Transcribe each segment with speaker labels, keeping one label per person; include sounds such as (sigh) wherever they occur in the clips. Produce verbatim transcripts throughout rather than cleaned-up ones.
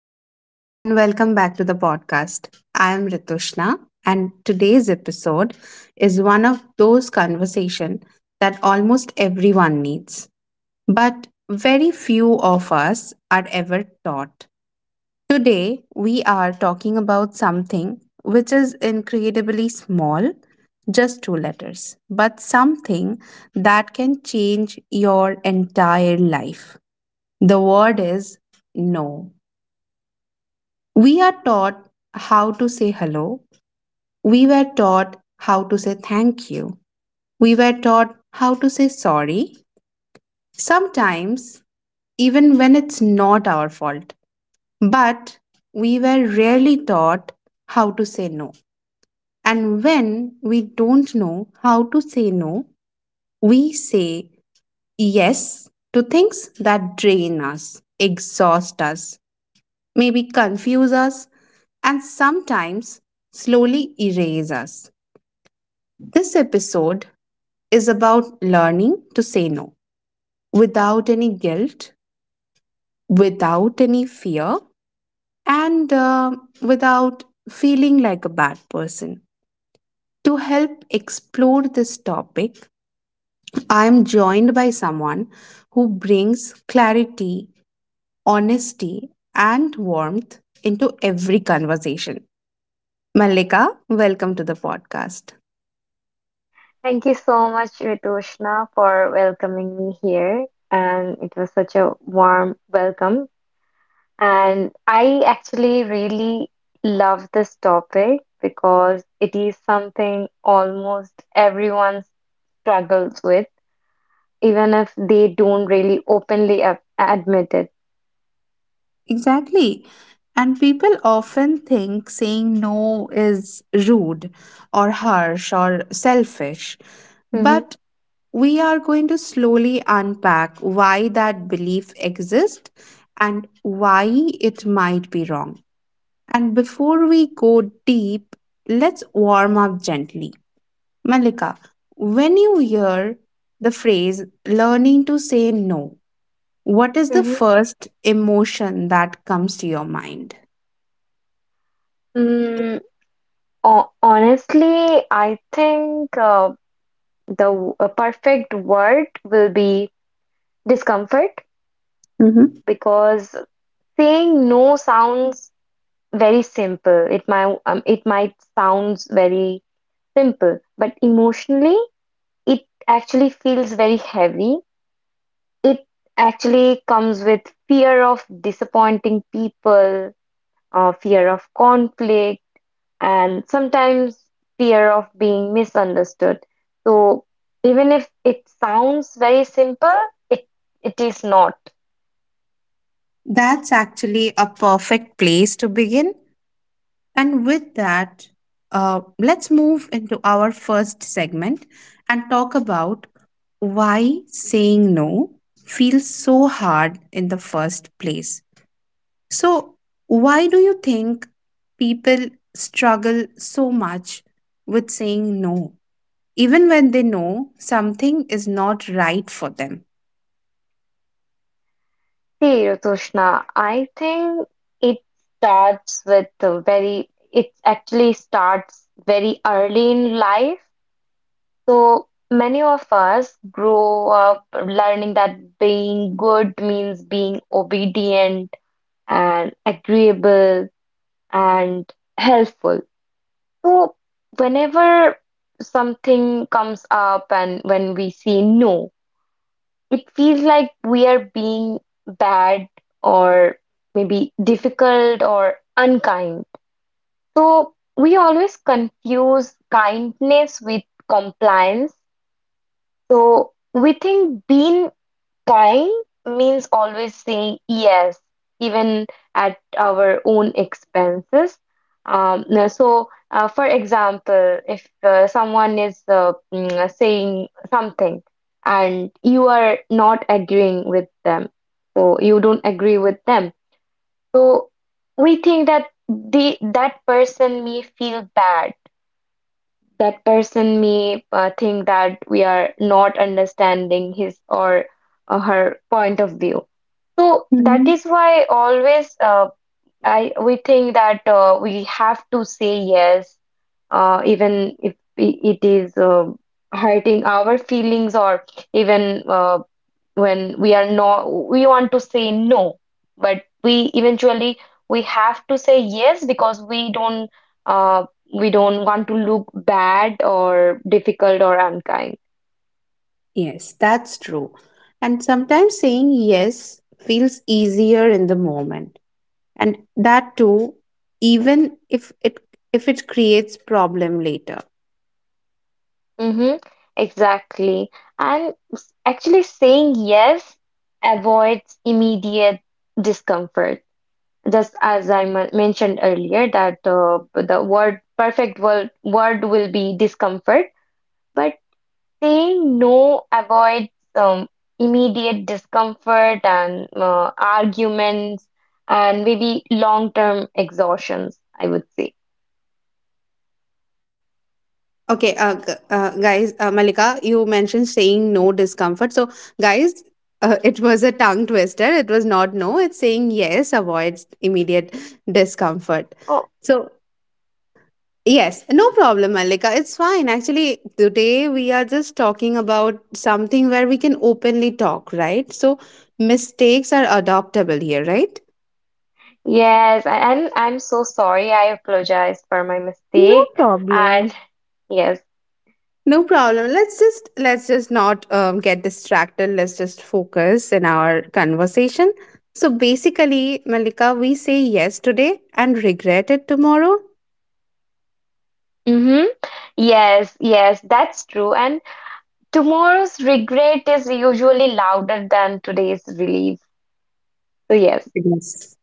Speaker 1: everyone, and welcome back to the podcast. I am Ritushna, and today's episode is one of those conversations that almost everyone needs, but very few of us are ever taught. Today, we are talking about something which is incredibly small, just two letters, but something that can change your entire life. The word is no. We are taught how to say hello. We were taught how to say thank you. We were taught how to say sorry. Sometimes, even when it's not our fault. But we were rarely taught how to say no. And when we don't know how to say no, we say yes to things that drain us, exhaust us, maybe confuse us, and sometimes slowly erase us. This episode is about learning to say no without any guilt, without any fear, and uh, without feeling like a bad person. To help explore this topic, I am joined by someone who brings clarity, honesty, and warmth into every conversation. Malika, welcome to the podcast.
Speaker 2: Thank you so much, Ritushna, for welcoming me here. And it was such a warm welcome. And I actually really love this topic because it is something almost everyone struggles with, even if they don't really openly a- admit it.
Speaker 1: Exactly. And people often think saying no is rude or harsh or selfish.
Speaker 2: hmm
Speaker 1: But we are going to slowly unpack why that belief exists and why it might be wrong. And before we go deep, let's warm up gently. Malika, when you hear the phrase learning to say no, what is the
Speaker 2: hmm
Speaker 1: first emotion that comes to your mind?
Speaker 2: Mm, ho- honestly, I think uh, the w- a perfect word will be discomfort,
Speaker 1: hmm
Speaker 2: because saying no sounds very simple. It might um, it might sounds very simple, but emotionally it actually feels very heavy. It actually comes with fear of disappointing people, uh, fear of conflict, and sometimes fear of being misunderstood. So even if it sounds very simple, it it is not.
Speaker 1: That's actually a perfect place to begin. And with that, uh, let's move into our first segment and talk about why saying no feels so hard in the first place. So, why do you think people struggle so much with saying no, even when they know something is not right for them?
Speaker 2: See, Ritushna, I think it starts with the very, it actually starts very early in life. So many of us grow up learning that being good means being obedient and agreeable and helpful. So whenever something comes up and when we say no, it feels like we are being bad or maybe difficult or unkind. So we always confuse kindness with compliance. So we think being "Guy" means always saying yes, even at our own expenses. Um, no, so, uh, for example, if uh, someone is uh, mm, uh, saying something and you are not agreeing with them, so you don't agree with them, so we think that the that person may feel bad, that person may uh, think that we are not understanding his or uh, her point of view. So that
Speaker 1: Mhm.
Speaker 2: is why always uh, I we think that uh, we have to say yes, uh, even if i- it is uh, hurting our feelings, or even uh, when we are no we want to say no, but we eventually we have to say yes because we don't uh, we don't want to look bad or difficult or unkind.
Speaker 1: Yes, that's true. And sometimes saying yes feels easier in the moment. And that too, even if it if it creates problem later.
Speaker 2: Mm-hmm, exactly. And s- actually saying yes avoids immediate discomfort, just as I m- mentioned earlier, that uh, the word perfect word, word will be discomfort, but saying no avoids um, immediate discomfort and uh, arguments and maybe long-term exhaustions, I would say.
Speaker 1: Okay, uh, g- uh, guys, uh, Malika, you mentioned saying no discomfort. So, guys, uh, it was a tongue twister. It was not no. It's saying yes avoids immediate discomfort.
Speaker 2: Oh,
Speaker 1: So, yes, no problem, Malika. It's fine. Actually, today we are just talking about something where we can openly talk, right? So, mistakes are adoptable here, right?
Speaker 2: yes, I- I'm I'm so sorry. I apologize for my
Speaker 1: No
Speaker 2: mistake.
Speaker 1: problem.
Speaker 2: And (laughs) yes.
Speaker 1: No problem. Let's just let's just not um, get distracted. Let's just focus in our conversation. So basically, Malika, we say yes today and regret it tomorrow.
Speaker 2: Mm-hmm. Yes, yes, that's true. And tomorrow's regret is usually louder than today's relief. So, yes.
Speaker 1: Yes.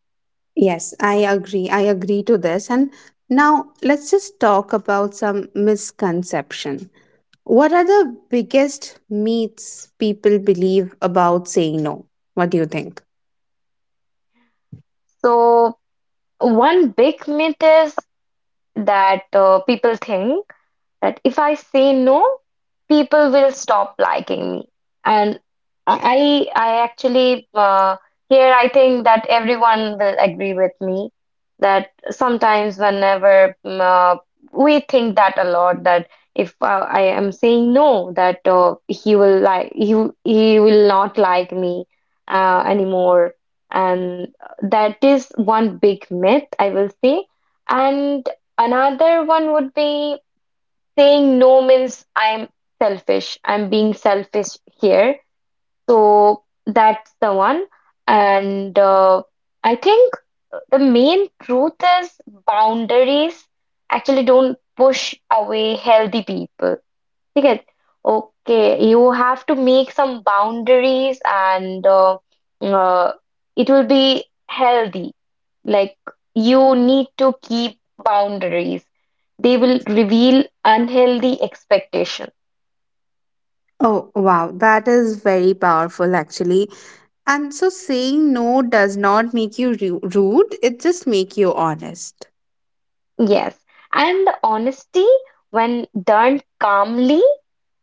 Speaker 1: Yes, I agree. I agree to this. And now let's just talk about some misconception. What are the biggest myths people believe about saying no? What do you think?
Speaker 2: So, one big myth is that uh, people think that if I say no, people will stop liking me. And I, I actually, uh, here I think that everyone will agree with me that sometimes whenever mm, uh, we think that a lot, that if uh, I am saying no, that uh, he will like he will- he will not like me uh, anymore, and that is one big myth I will say, and another one would be saying no means I'm selfish. I'm being selfish here. So that's the one. And uh, I think the main truth is boundaries actually don't push away healthy people. ठीक है, okay, you have to make some boundaries, and uh, uh, it will be healthy. Like, you need to keep boundaries. They will reveal unhealthy expectation.
Speaker 1: Oh, wow. That is very powerful, actually. And so saying no does not make you ru- rude, it just make you honest.
Speaker 2: Yes, and honesty, when done calmly,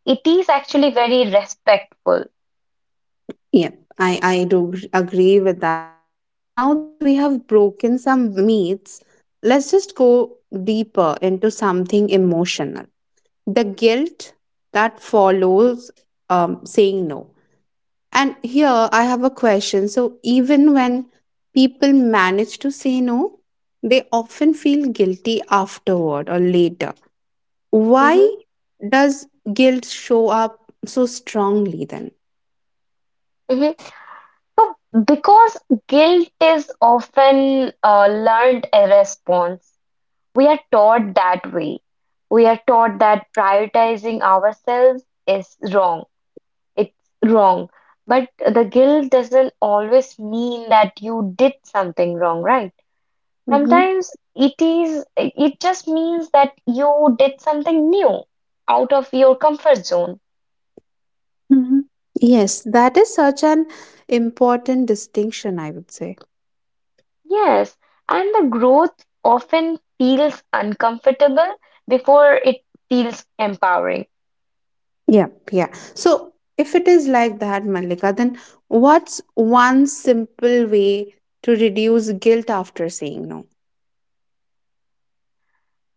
Speaker 2: it is actually very respectful.
Speaker 1: Yep, I, I do gr- agree with that. And now that we have broken some myths, let's just go deeper into something emotional. The guilt that follows um, saying no. And here I have a question. So, even when people manage to say no, they often feel guilty afterward or later.
Speaker 2: hmm
Speaker 1: Why does guilt show up so strongly then?
Speaker 2: hmm So because guilt is often a learned a response. We are taught that way. We are taught that prioritizing ourselves is wrong. It's wrong. But the guilt doesn't always mean that you did something wrong, right?
Speaker 1: Mm-hmm.
Speaker 2: Sometimes it is, it it just means that you did something new out of your comfort zone.
Speaker 1: Mm-hmm. Yes, that is such an important distinction, I would say.
Speaker 2: Yes, and the growth often feels uncomfortable before it feels empowering.
Speaker 1: Yeah, yeah. So if it is like that, Malika, then what's one simple way to reduce guilt after saying no?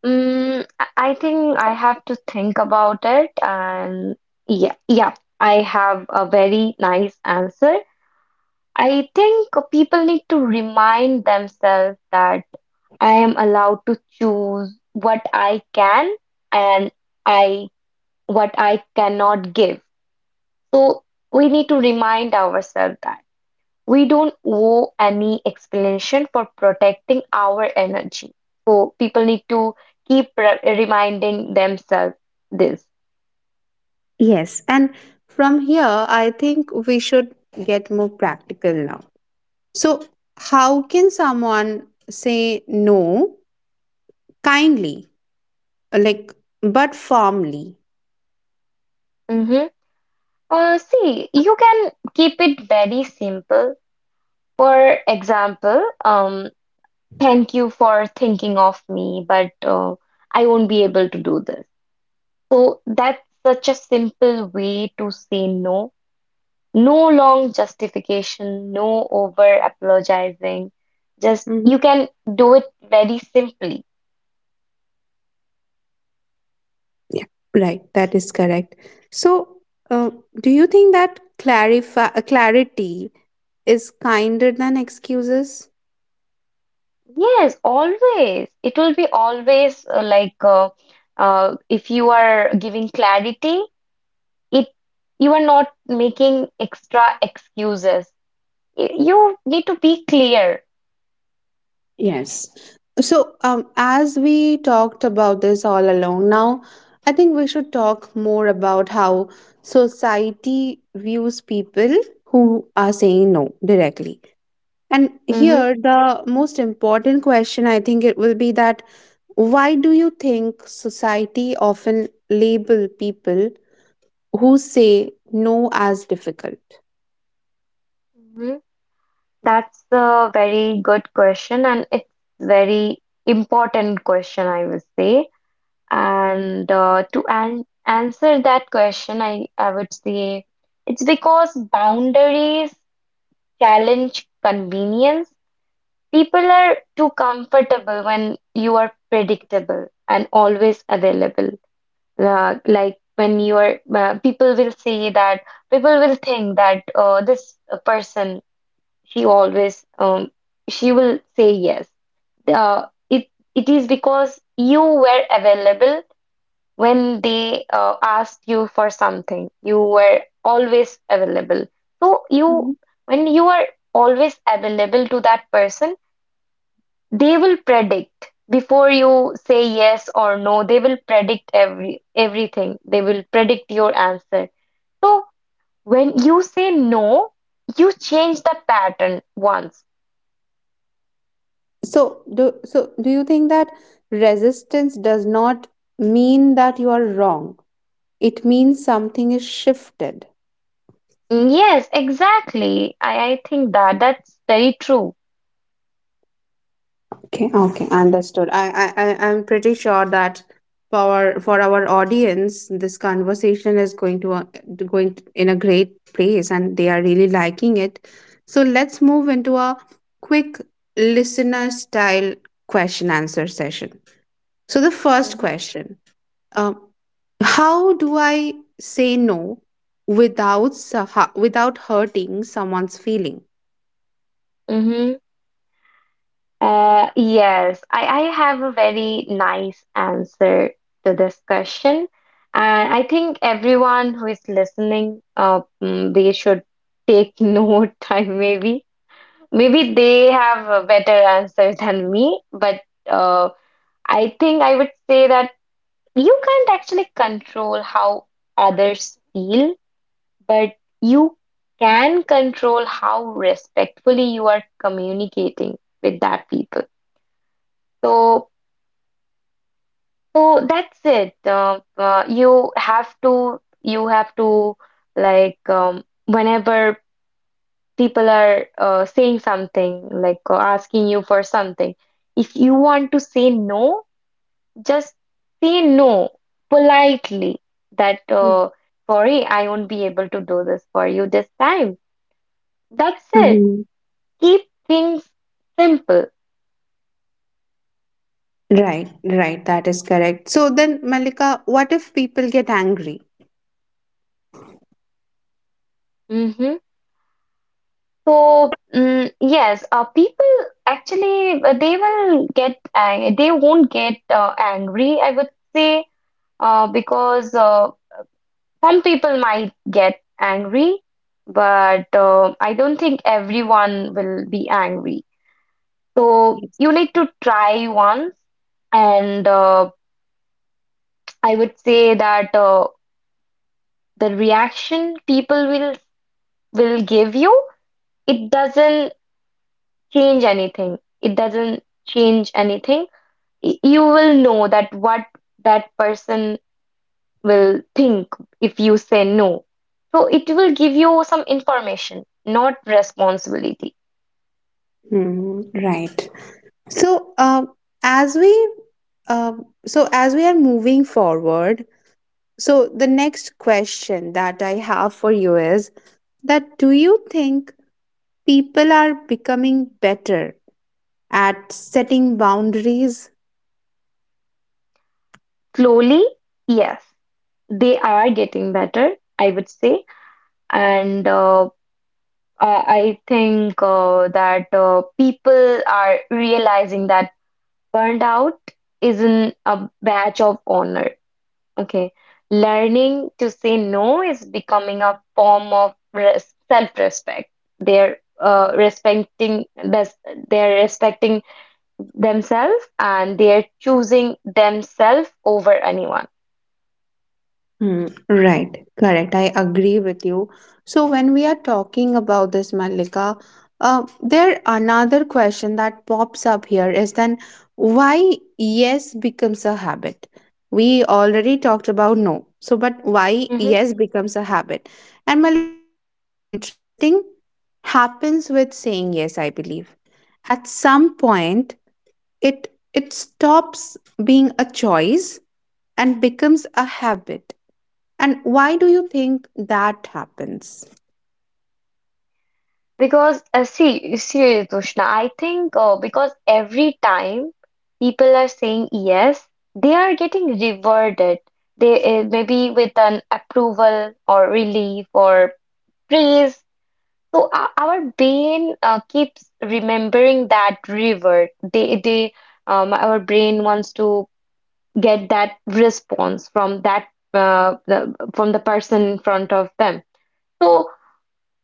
Speaker 2: Mm, I I think I have to think about it, and yeah, yeah, I have a very nice answer. I think people need to remind themselves that I am allowed to choose what I can and I what I cannot give. So we need to remind ourselves that. We don't owe any explanation for protecting our energy. So people need to keep re- reminding themselves this.
Speaker 1: Yes, and from here, I think we should get more practical now. So, how can someone say no kindly, like, but firmly?
Speaker 2: Mhm. Uh, see, you can keep it very simple. For example, um, thank you for thinking of me, but uh, I won't be able to do this. So that's such a simple way to say no. No long justification, no over apologizing. Just you
Speaker 1: Mhm.
Speaker 2: can do it very simply.
Speaker 1: Yeah, right. That is correct. So, uh, do you think that clarify uh, clarity is kinder than excuses?
Speaker 2: Yes, always. It will be always uh, like uh, uh, if you are giving clarity, it you are not making extra excuses. Y- You need to be clear.
Speaker 1: Yes. So, um, as we talked about this all along, now I think we should talk more about how society views people who are saying no directly. And
Speaker 2: hmm
Speaker 1: here, the most important question I think it will be that why do you think society often label people who say no as difficult?
Speaker 2: hmm That's a very good question, and it's very important question, I would say. And uh, to an answer that question, I, I would say it's because boundaries challenge convenience. People are too comfortable when you are predictable and always available. Uh, like when you are, uh, people will say that, people will think that uh, this person, she always, um, she will say yes. Uh, it, it is because you were available when they uh, asked you for something, you were always available. So you, when you are always available to that person, they will predict before you say yes or no. They will predict every everything. They will predict your answer. So when you say no, you change the pattern once.
Speaker 1: So do so do you think that resistance does not mean that you are wrong? It means something is shifted.
Speaker 2: Yes, exactly. I, I think that that's very true.
Speaker 1: Okay, okay, understood. I, I, I I'm pretty sure that for our, for our audience, this conversation is going to uh, going in a great place, and they are really liking it. So let's move into a quick listener style question answer session. So the first
Speaker 2: Mhm.
Speaker 1: question. Um, how do I say no without su- hu- without hurting someone's feeling?
Speaker 2: Mhm. Uh, yes, I, I have a very nice answer to this question. And I think everyone who is listening, uh, mm, they should take (laughs) note, I maybe. Maybe they have a better answer than me, but uh, I think I would say that you can't actually control how others feel, but you can control how respectfully you are communicating with that people. So, so that's it. Uh, uh, you have to, you have to like um, whenever people are uh, saying something, like uh, asking you for something, if you want to say no, just say no politely that, uh, sorry, I won't be able to do this for you this time. That's it.
Speaker 1: Mhm.
Speaker 2: Keep things simple.
Speaker 1: Right, right. That is correct. So then, Malika, what if people get angry?
Speaker 2: hmm So, mm, yes, uh, people actually uh, they will get ang- they won't get uh, angry, I would say, uh, because uh, some people might get angry, but uh, I don't think everyone will be angry. So
Speaker 1: Yes.
Speaker 2: you need to try once, and uh, I would say that uh, the reaction people will will give you, it doesn't change anything. It doesn't change anything. Y- You will know that what that person will think if you say no. So it will give you some information, not responsibility.
Speaker 1: Mhm, right. So, uh, as we uh, so as we are moving forward, so the next question that I have for you is that do you think people are becoming better at setting boundaries.
Speaker 2: Slowly, yes, they are getting better, I would say. And uh, I I think uh, that uh, people are realizing that burnout isn't a badge of honor. Okay. Learning to say no is becoming a form of res self-respect. They're uh, respecting this, they're respecting themselves, and they're choosing themselves over anyone.
Speaker 1: Hmm, right, correct. I agree with you. So when we are talking about this, Malika, uh, there another question that pops up here is then why yes becomes a habit. We already talked about no. So, but why
Speaker 2: Mm-hmm.
Speaker 1: yes becomes a habit? And Malika, something interesting happens with saying yes. I believe at some point it it stops being a choice and becomes a habit. And why do you think that happens?
Speaker 2: Because uh, see, see, Tushna, I think uh, because every time people are saying yes, they are getting rewarded. They uh, maybe with an approval or relief or praise. So uh, our brain uh, keeps remembering that reward. They, they, um, our brain wants to get that response from that uh, the, from the person in front of them. So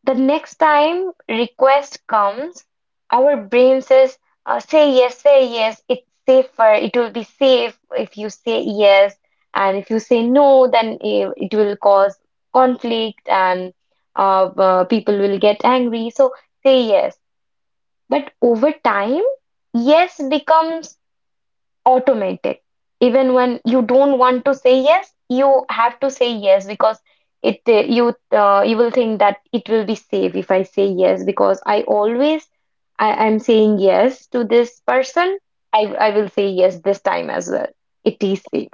Speaker 2: the next time request comes, our brain says, uh, say yes, say yes, it's safer, it will be safe if you say yes. And if you say no, then i- it will cause conflict and uh, uh, people will get angry. So say yes. But over time, yes becomes automatic. Even when you don't want to say yes, you have to say yes because it uh, you uh, you will think that it will be safe if I say yes, because I always I am saying yes to this person. I I will say yes this time as well. It is safe.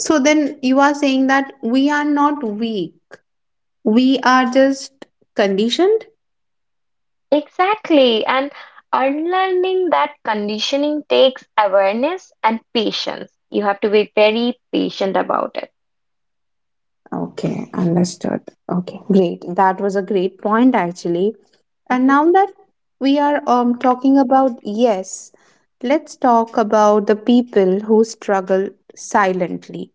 Speaker 1: So then you are saying that we are not weak, we are just conditioned.
Speaker 2: Exactly. And unlearning that conditioning takes awareness and patience. You have to be very patient about it.
Speaker 1: Okay, understood. Okay, great. That was a great point actually. And
Speaker 2: Mhm.
Speaker 1: now that we are um, talking about yes, let's talk about the people who struggle silently.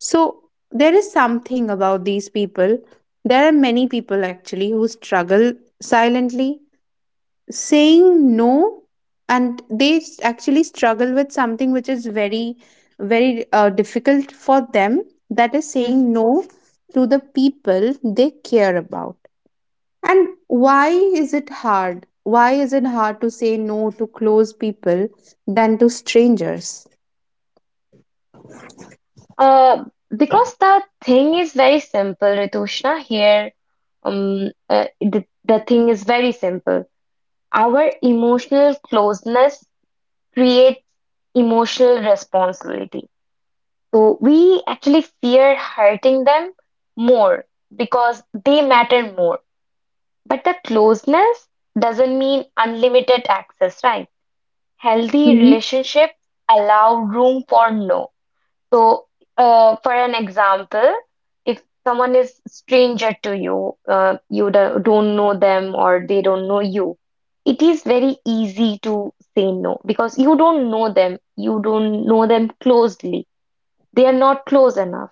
Speaker 1: So there is something about these people. There are many people actually who struggle silently saying no, and they s- actually struggle with something which is very, very uh, difficult for them. That is
Speaker 2: Mhm.
Speaker 1: saying no to the people they care about. And why is it hard? Why is it hard to say no to close people than to strangers?
Speaker 2: Uh, because the thing is very simple, Ritushna. Here, um, uh, the, the thing is very simple. Our emotional closeness creates emotional responsibility. So we actually fear hurting them more because they matter more. But the closeness doesn't mean unlimited access, right? Healthy
Speaker 1: Mhm.
Speaker 2: relationships allow room for no. So, uh, for an example, if someone is stranger to you, uh, you do- don't know them or they don't know you, it is very easy to say no because you don't know them, you don't know them closely. They are not close enough.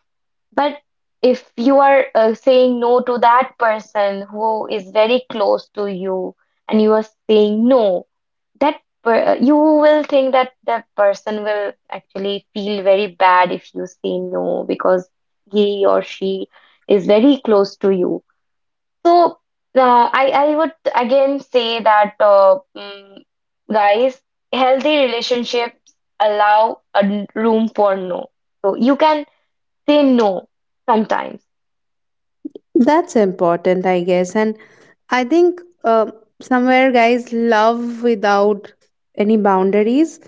Speaker 2: But if you are uh, saying no to that person who is very close to you and you are saying no, that per uh, you will think that that person will actually feel very bad if you say no, because he or she is very close to you. So uh, I I would again say that uh, mm, guys, healthy relationships allow a n- room for no. So you can say no sometimes.
Speaker 1: That's important, I guess. And I think uh, somewhere guys love without any boundaries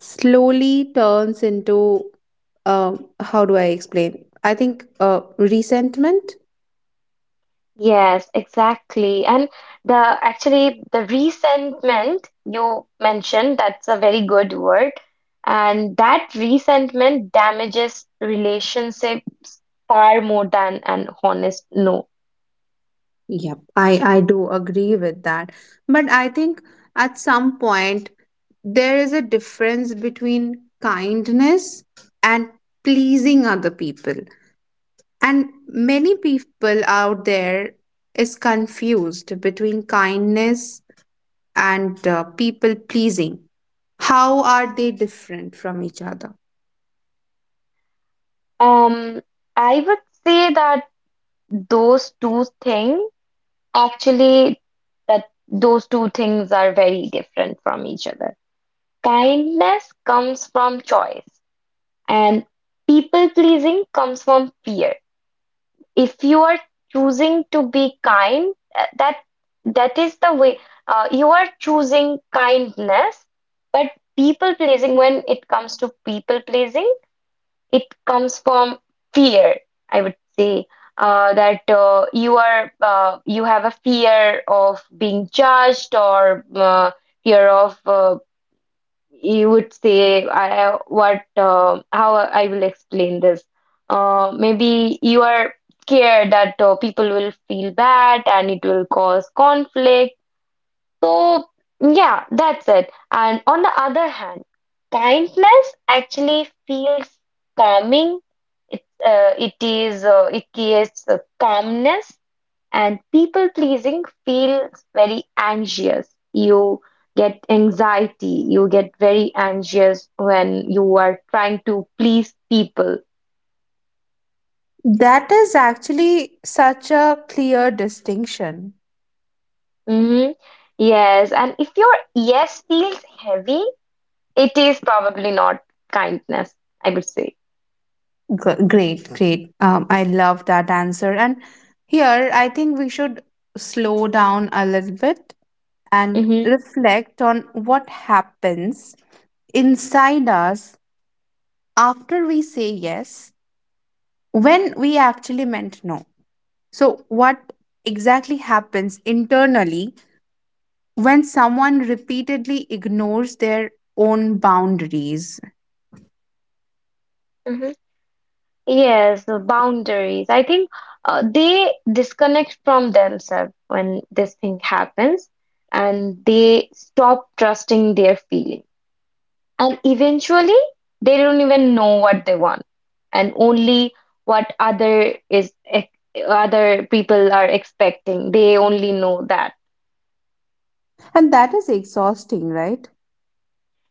Speaker 1: slowly turns into uh, how do I explain? I think uh, resentment.
Speaker 2: Yes, exactly. And the actually the resentment you mentioned, that's a very good word. And that resentment damages relationships far more than an honest no.
Speaker 1: Yep, I I do agree with that. But I think at some point there is a difference between kindness and pleasing other people. And many people out there is confused between kindness and uh, people pleasing, how are they different from each other?
Speaker 2: Um, I would say that those two things actually that those two things are very different from each other. Kindness comes from choice, and people pleasing comes from fear. If you are choosing to be kind, uh, that that is the way, uh, you are choosing kindness. But people pleasing when it comes to people pleasing it comes from fear, I would say. Uh, that uh, You are uh, you have a fear of being judged, or uh, fear of uh, you would say I what uh, how I will explain this. Uh, maybe you are scared that uh, people will feel bad and it will cause conflict. So yeah, that's it. And on the other hand, kindness actually feels calming. It uh, it is uh, it creates a calmness, and people pleasing feels very anxious. You get anxiety, you get very anxious when you are trying to please people.
Speaker 1: That is actually such a clear distinction.
Speaker 2: Hmm, yes, and if your yes feels heavy, it is probably not kindness, I would say.
Speaker 1: G- great, great. Um, I love that answer. And here, I think we should slow down a little bit and
Speaker 2: Hmm.
Speaker 1: reflect on what happens inside us after we say yes when we actually meant no. So, what exactly happens internally when someone repeatedly ignores their own boundaries.
Speaker 2: Hmm, yes, the boundaries, I think, uh, they disconnect from themselves when this thing happens, and they stop trusting their feelings. And eventually, they don't even know what they want, and only what other is ex- other people are expecting. They only know that.
Speaker 1: And that is exhausting, right?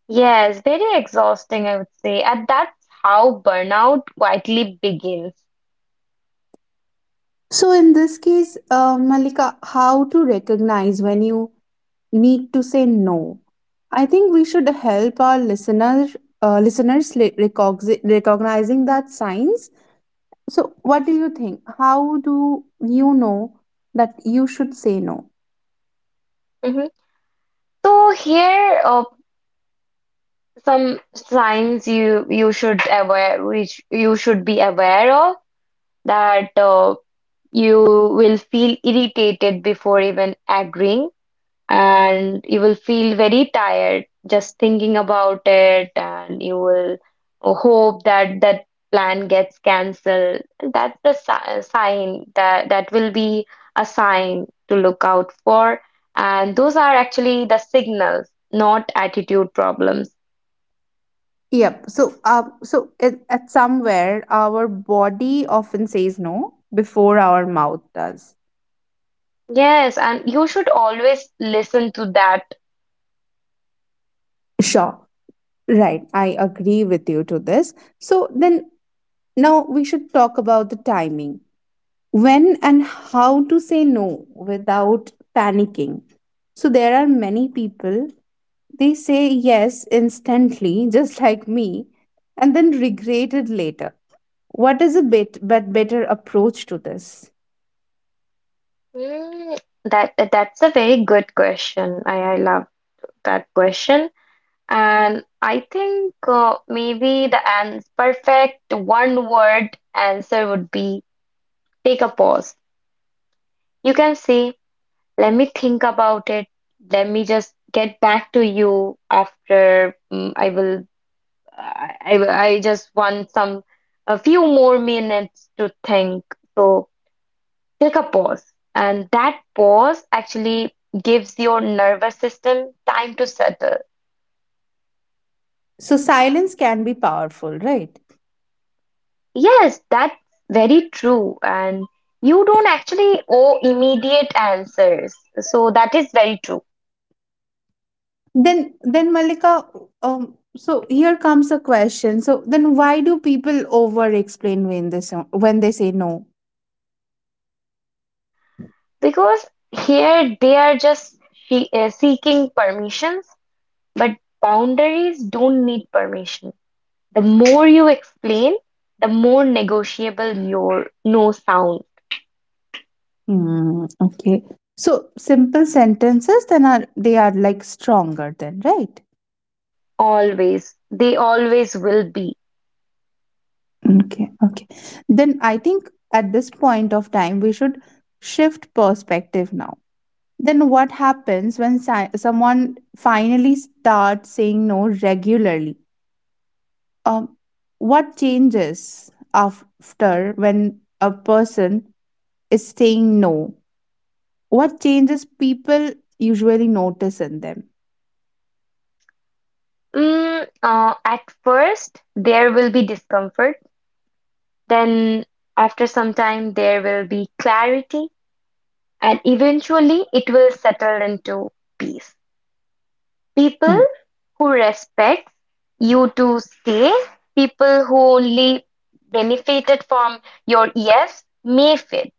Speaker 2: Yes, very exhausting, I would say. And that's how burnout quietly begins.
Speaker 1: So, in this case, uh, Malika, how to recognize when you need to say no? I think we should help our listeners, uh, listeners li- recogzi- recognizing that signs. So, what do you think? How do you know that you should say no?
Speaker 2: Mhm. So here, uh, some signs you you should aware, which you should be aware of, that uh, you will feel irritated before even agreeing, and you will feel very tired just thinking about it, and you will hope that that plan gets cancelled. That's the si- sign, that that will be a sign to look out for, and those are actually the signals, not attitude problems.
Speaker 1: Yep. So, uh, so it, at somewhere, our body often says no before our mouth does.
Speaker 2: Yes, and you should always listen to that.
Speaker 1: Sure. Right. I agree with you to this. So then now we should talk about the timing. When and how to say no without panicking. So there are many people, they say yes instantly, (laughs) just like me, and then regret it later. What is a bit but better approach to this?
Speaker 2: Mm, that that's a very good question. I, I love that question. And I think, uh, maybe the an perfect one word answer would be: take a pause. You can say, let me think about it. Let me just get back to you after. mm, I will- I, I will- I just want some a few more minutes to think. So take a pause. And that pause actually gives your nervous system time to settle.
Speaker 1: So silence can be powerful, right?
Speaker 2: Yes, that's very true. And you don't actually owe immediate answers. So that is very true.
Speaker 1: Then then Malika, um, so here comes a question, so then why do people over explain when they so- when they say no?
Speaker 2: Because here they are just she- uh, seeking permissions, but boundaries don't need permission. The more you explain, the more negotiable your no sound.
Speaker 1: Hmm, okay. So simple sentences then are they are like stronger then, right?
Speaker 2: Always, they always will be.
Speaker 1: Okay, okay. Then I think at this point of time we should shift perspective now. Then what happens when si- someone finally starts saying no regularly? Um, what changes after when a person is saying no? What changes people usually notice in them?
Speaker 2: Mm, uh, at first, there will be discomfort. Then, after some time, there will be clarity. And eventually, it will settle into peace. People
Speaker 1: Hmm.
Speaker 2: who respect you to stay, people who only benefited from your yes may fit.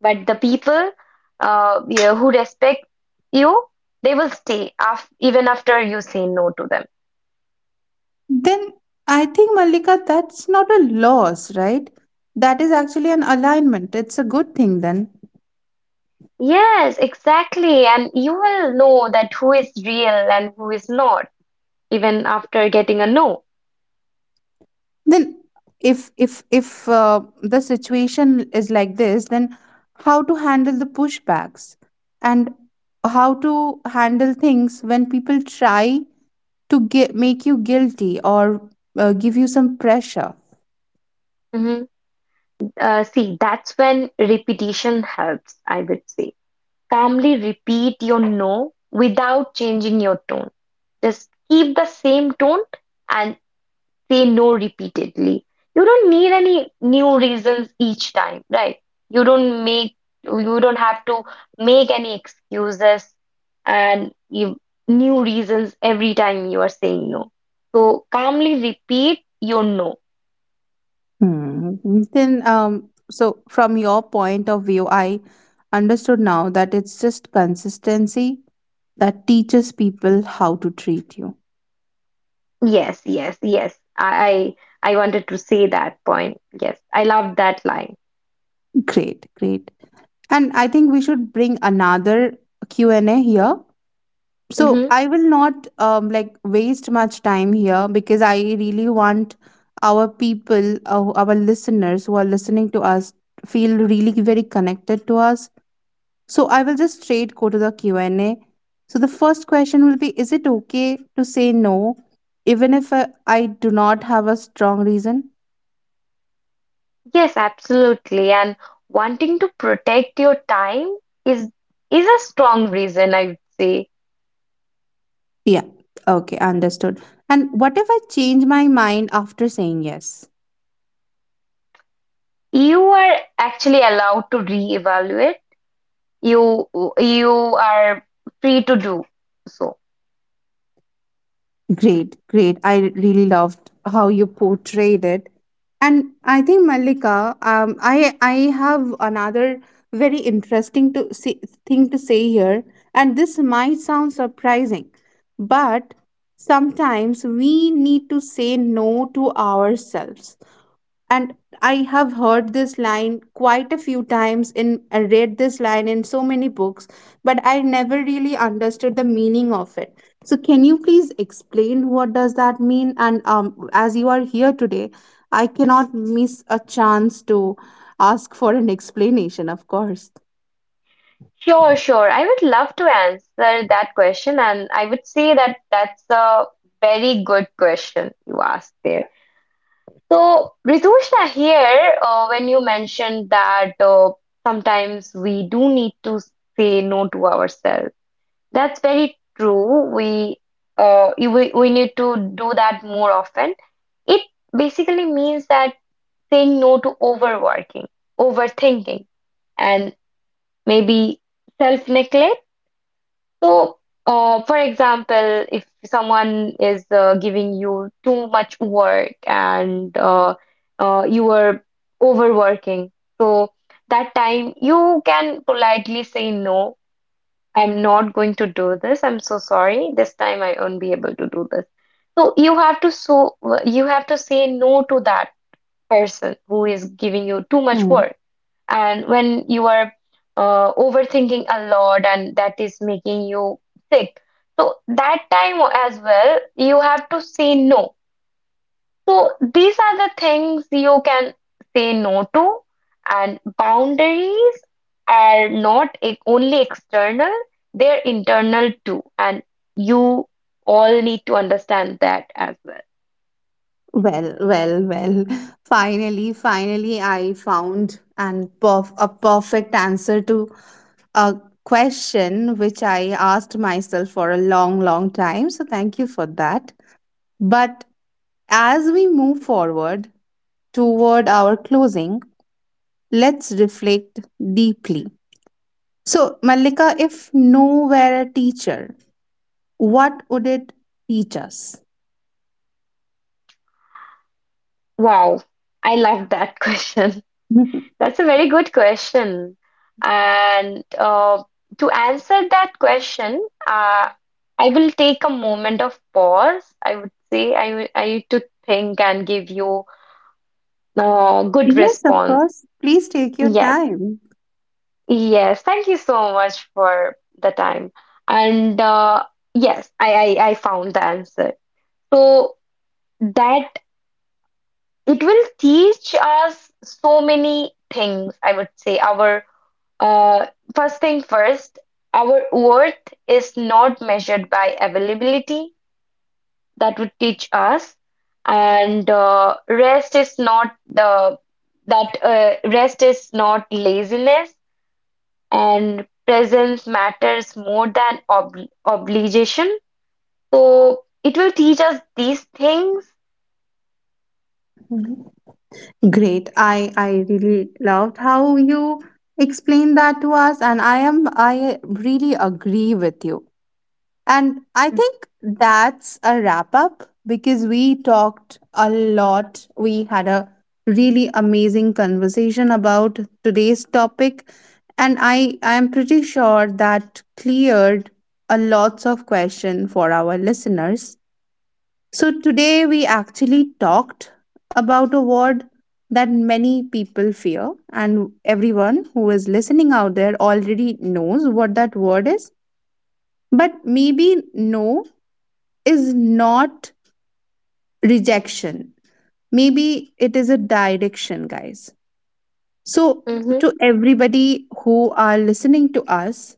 Speaker 2: But the people, uh, yeah, who respect you, they will stay af even after you say no to them.
Speaker 1: Then I think, Malika, that's not a loss, right? That is actually an alignment. It's a good thing then.
Speaker 2: Yes, exactly. And you will know that who is real and who is not, even after getting a no.
Speaker 1: Then if if if uh, the situation is like this then how to handle the pushbacks and how to handle things when people try to get make you guilty or uh, give you some pressure.
Speaker 2: Mhm. Uh, see, that's when repetition helps, I would say. Calmly repeat your no without changing your tone. Just keep the same tone and say no repeatedly. You don't need any new reasons each time, right? You don't make, you don't have to make any excuses and you, new reasons every time you are saying no. So calmly repeat your no.
Speaker 1: Hmm. then um So from your point of view I understood now that it's just consistency that teaches people how to treat you.
Speaker 2: Yes, yes, yes. I I I wanted to say that point. Yes, I love that line.
Speaker 1: Great, great. And I think we should bring another Q and A here. So
Speaker 2: Hmm.
Speaker 1: I will not um, like waste much time here because I really want our people, uh, our listeners who are listening to us, feel really very connected to us. So I will just straight go to the Q and A. So the first question will be: is it okay to say no, even if uh, I do not have a strong reason?
Speaker 2: Yes, absolutely. And wanting to protect your time is is a strong reason, I would say.
Speaker 1: Yeah. Okay, understood. And what if I change my mind after saying yes?
Speaker 2: You are actually allowed to reevaluate. You you are free to do so.
Speaker 1: Great, great. I really loved how you portrayed it. And I think Malika, um, I I have another very interesting to say, thing to say here, and this might sound surprising, but sometimes we need to say no to ourselves, and I have heard this line quite a few times in I read this line in so many books but I never really understood the meaning of it, so can you please explain what does that mean, and um, as you are here today I cannot miss a chance to ask for an explanation of course.
Speaker 2: Sure, sure. I would love to answer that question, and I would say that that's a very good question you asked there. So, Ritushna, here, uh, when you mentioned that, uh, sometimes we do need to say no to ourselves. That's very true. We uh you- we, we need to do that more often. It basically means that saying no to overworking, overthinking, and maybe self-neglect. So, uh, for example, if someone is, uh, giving you too much work, and uh, uh, you are overworking, so that time you can politely say no. I'm not going to do this. I'm so sorry. This time I won't be able to do this. So you have to, so you have to say no to that person who is giving you too much
Speaker 1: Hmm.
Speaker 2: work. And when you are, uh, overthinking a lot and that is making you sick. So that time as well, you have to say no. So these are the things you can say no to, and boundaries are not e- only external, they're internal too, and you all need to understand that as well.
Speaker 1: Well, well, well. Finally, finally, I found an perf- a perfect answer to a question which I asked myself for a long, long time. So thank you for that. But as we move forward toward our closing, let's reflect deeply. So, Malika, if no were a teacher, what would it teach us?
Speaker 2: Wow, I love that (laughs) question.
Speaker 1: (laughs) Mhm.
Speaker 2: That's a very good question. And uh, to answer that question, uh, I will take a moment of pause. I would say I will- I need to think and give you Uh, good
Speaker 1: Yes, of
Speaker 2: response.
Speaker 1: course. Please take your
Speaker 2: Yes.
Speaker 1: time.
Speaker 2: Yes. Thank you so much for the time. And uh, yes, I, I, I found the answer. So that it will teach us so many things, I would say. Our uh, first thing first, our worth is not measured by availability. That would teach us. And uh, rest is not the that uh, rest is not laziness and presence matters more than ob obligation. So it will teach us these things.
Speaker 1: Mhm. Great. I I really loved how you explained that to us, and I am I really agree with you. And I think that's a wrap up because we talked a lot. We had a really amazing conversation about today's topic. And I, I am pretty sure that cleared a lots of question for our listeners. So today we actually talked about a word that many people fear and everyone who is listening out there already knows what that word is, but maybe no is not rejection. Maybe it is a direction, guys. So,
Speaker 2: Mm-hmm.
Speaker 1: to everybody who are listening to us,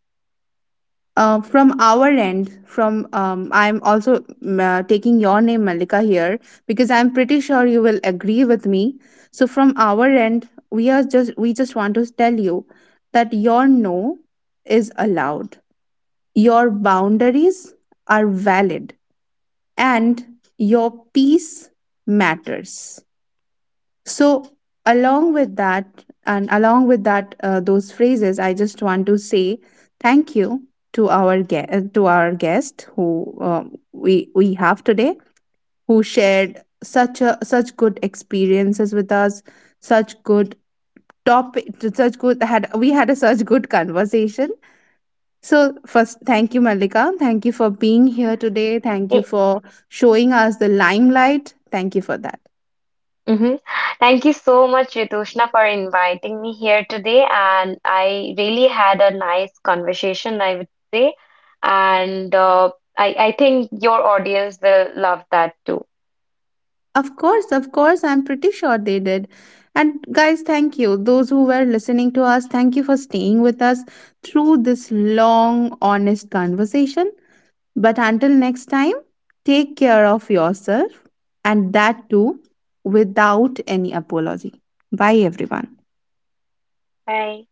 Speaker 1: uh, from our end, from um, I'm also mm, uh, taking your name, Malika, here because I'm pretty sure you will agree with me. So, from our end, we are just we just want to tell you that your no is allowed. Your boundaries are valid and your peace matters, so along with that and along with that, uh, those phrases I just want to say thank you to our guest, to our guest who um, we we have today, who shared such a such good experiences with us, such good topic, such good had we had a such good conversation. So, first, thank you, Malika. Thank you for being here today. Thank you for showing us the limelight. Thank you for that.
Speaker 2: Mm-hmm. Thank you so much, Ritushna, for inviting me here today. And I really had a nice conversation, I would say. And uh, I, I think your audience will love that too.
Speaker 1: Of course, of course, I'm pretty sure they did. And, guys, thank you. Those who were listening to us, thank you for staying with us through this long, honest conversation. But until next time, take care of yourself and that too without any apology. Bye, everyone.
Speaker 2: Bye.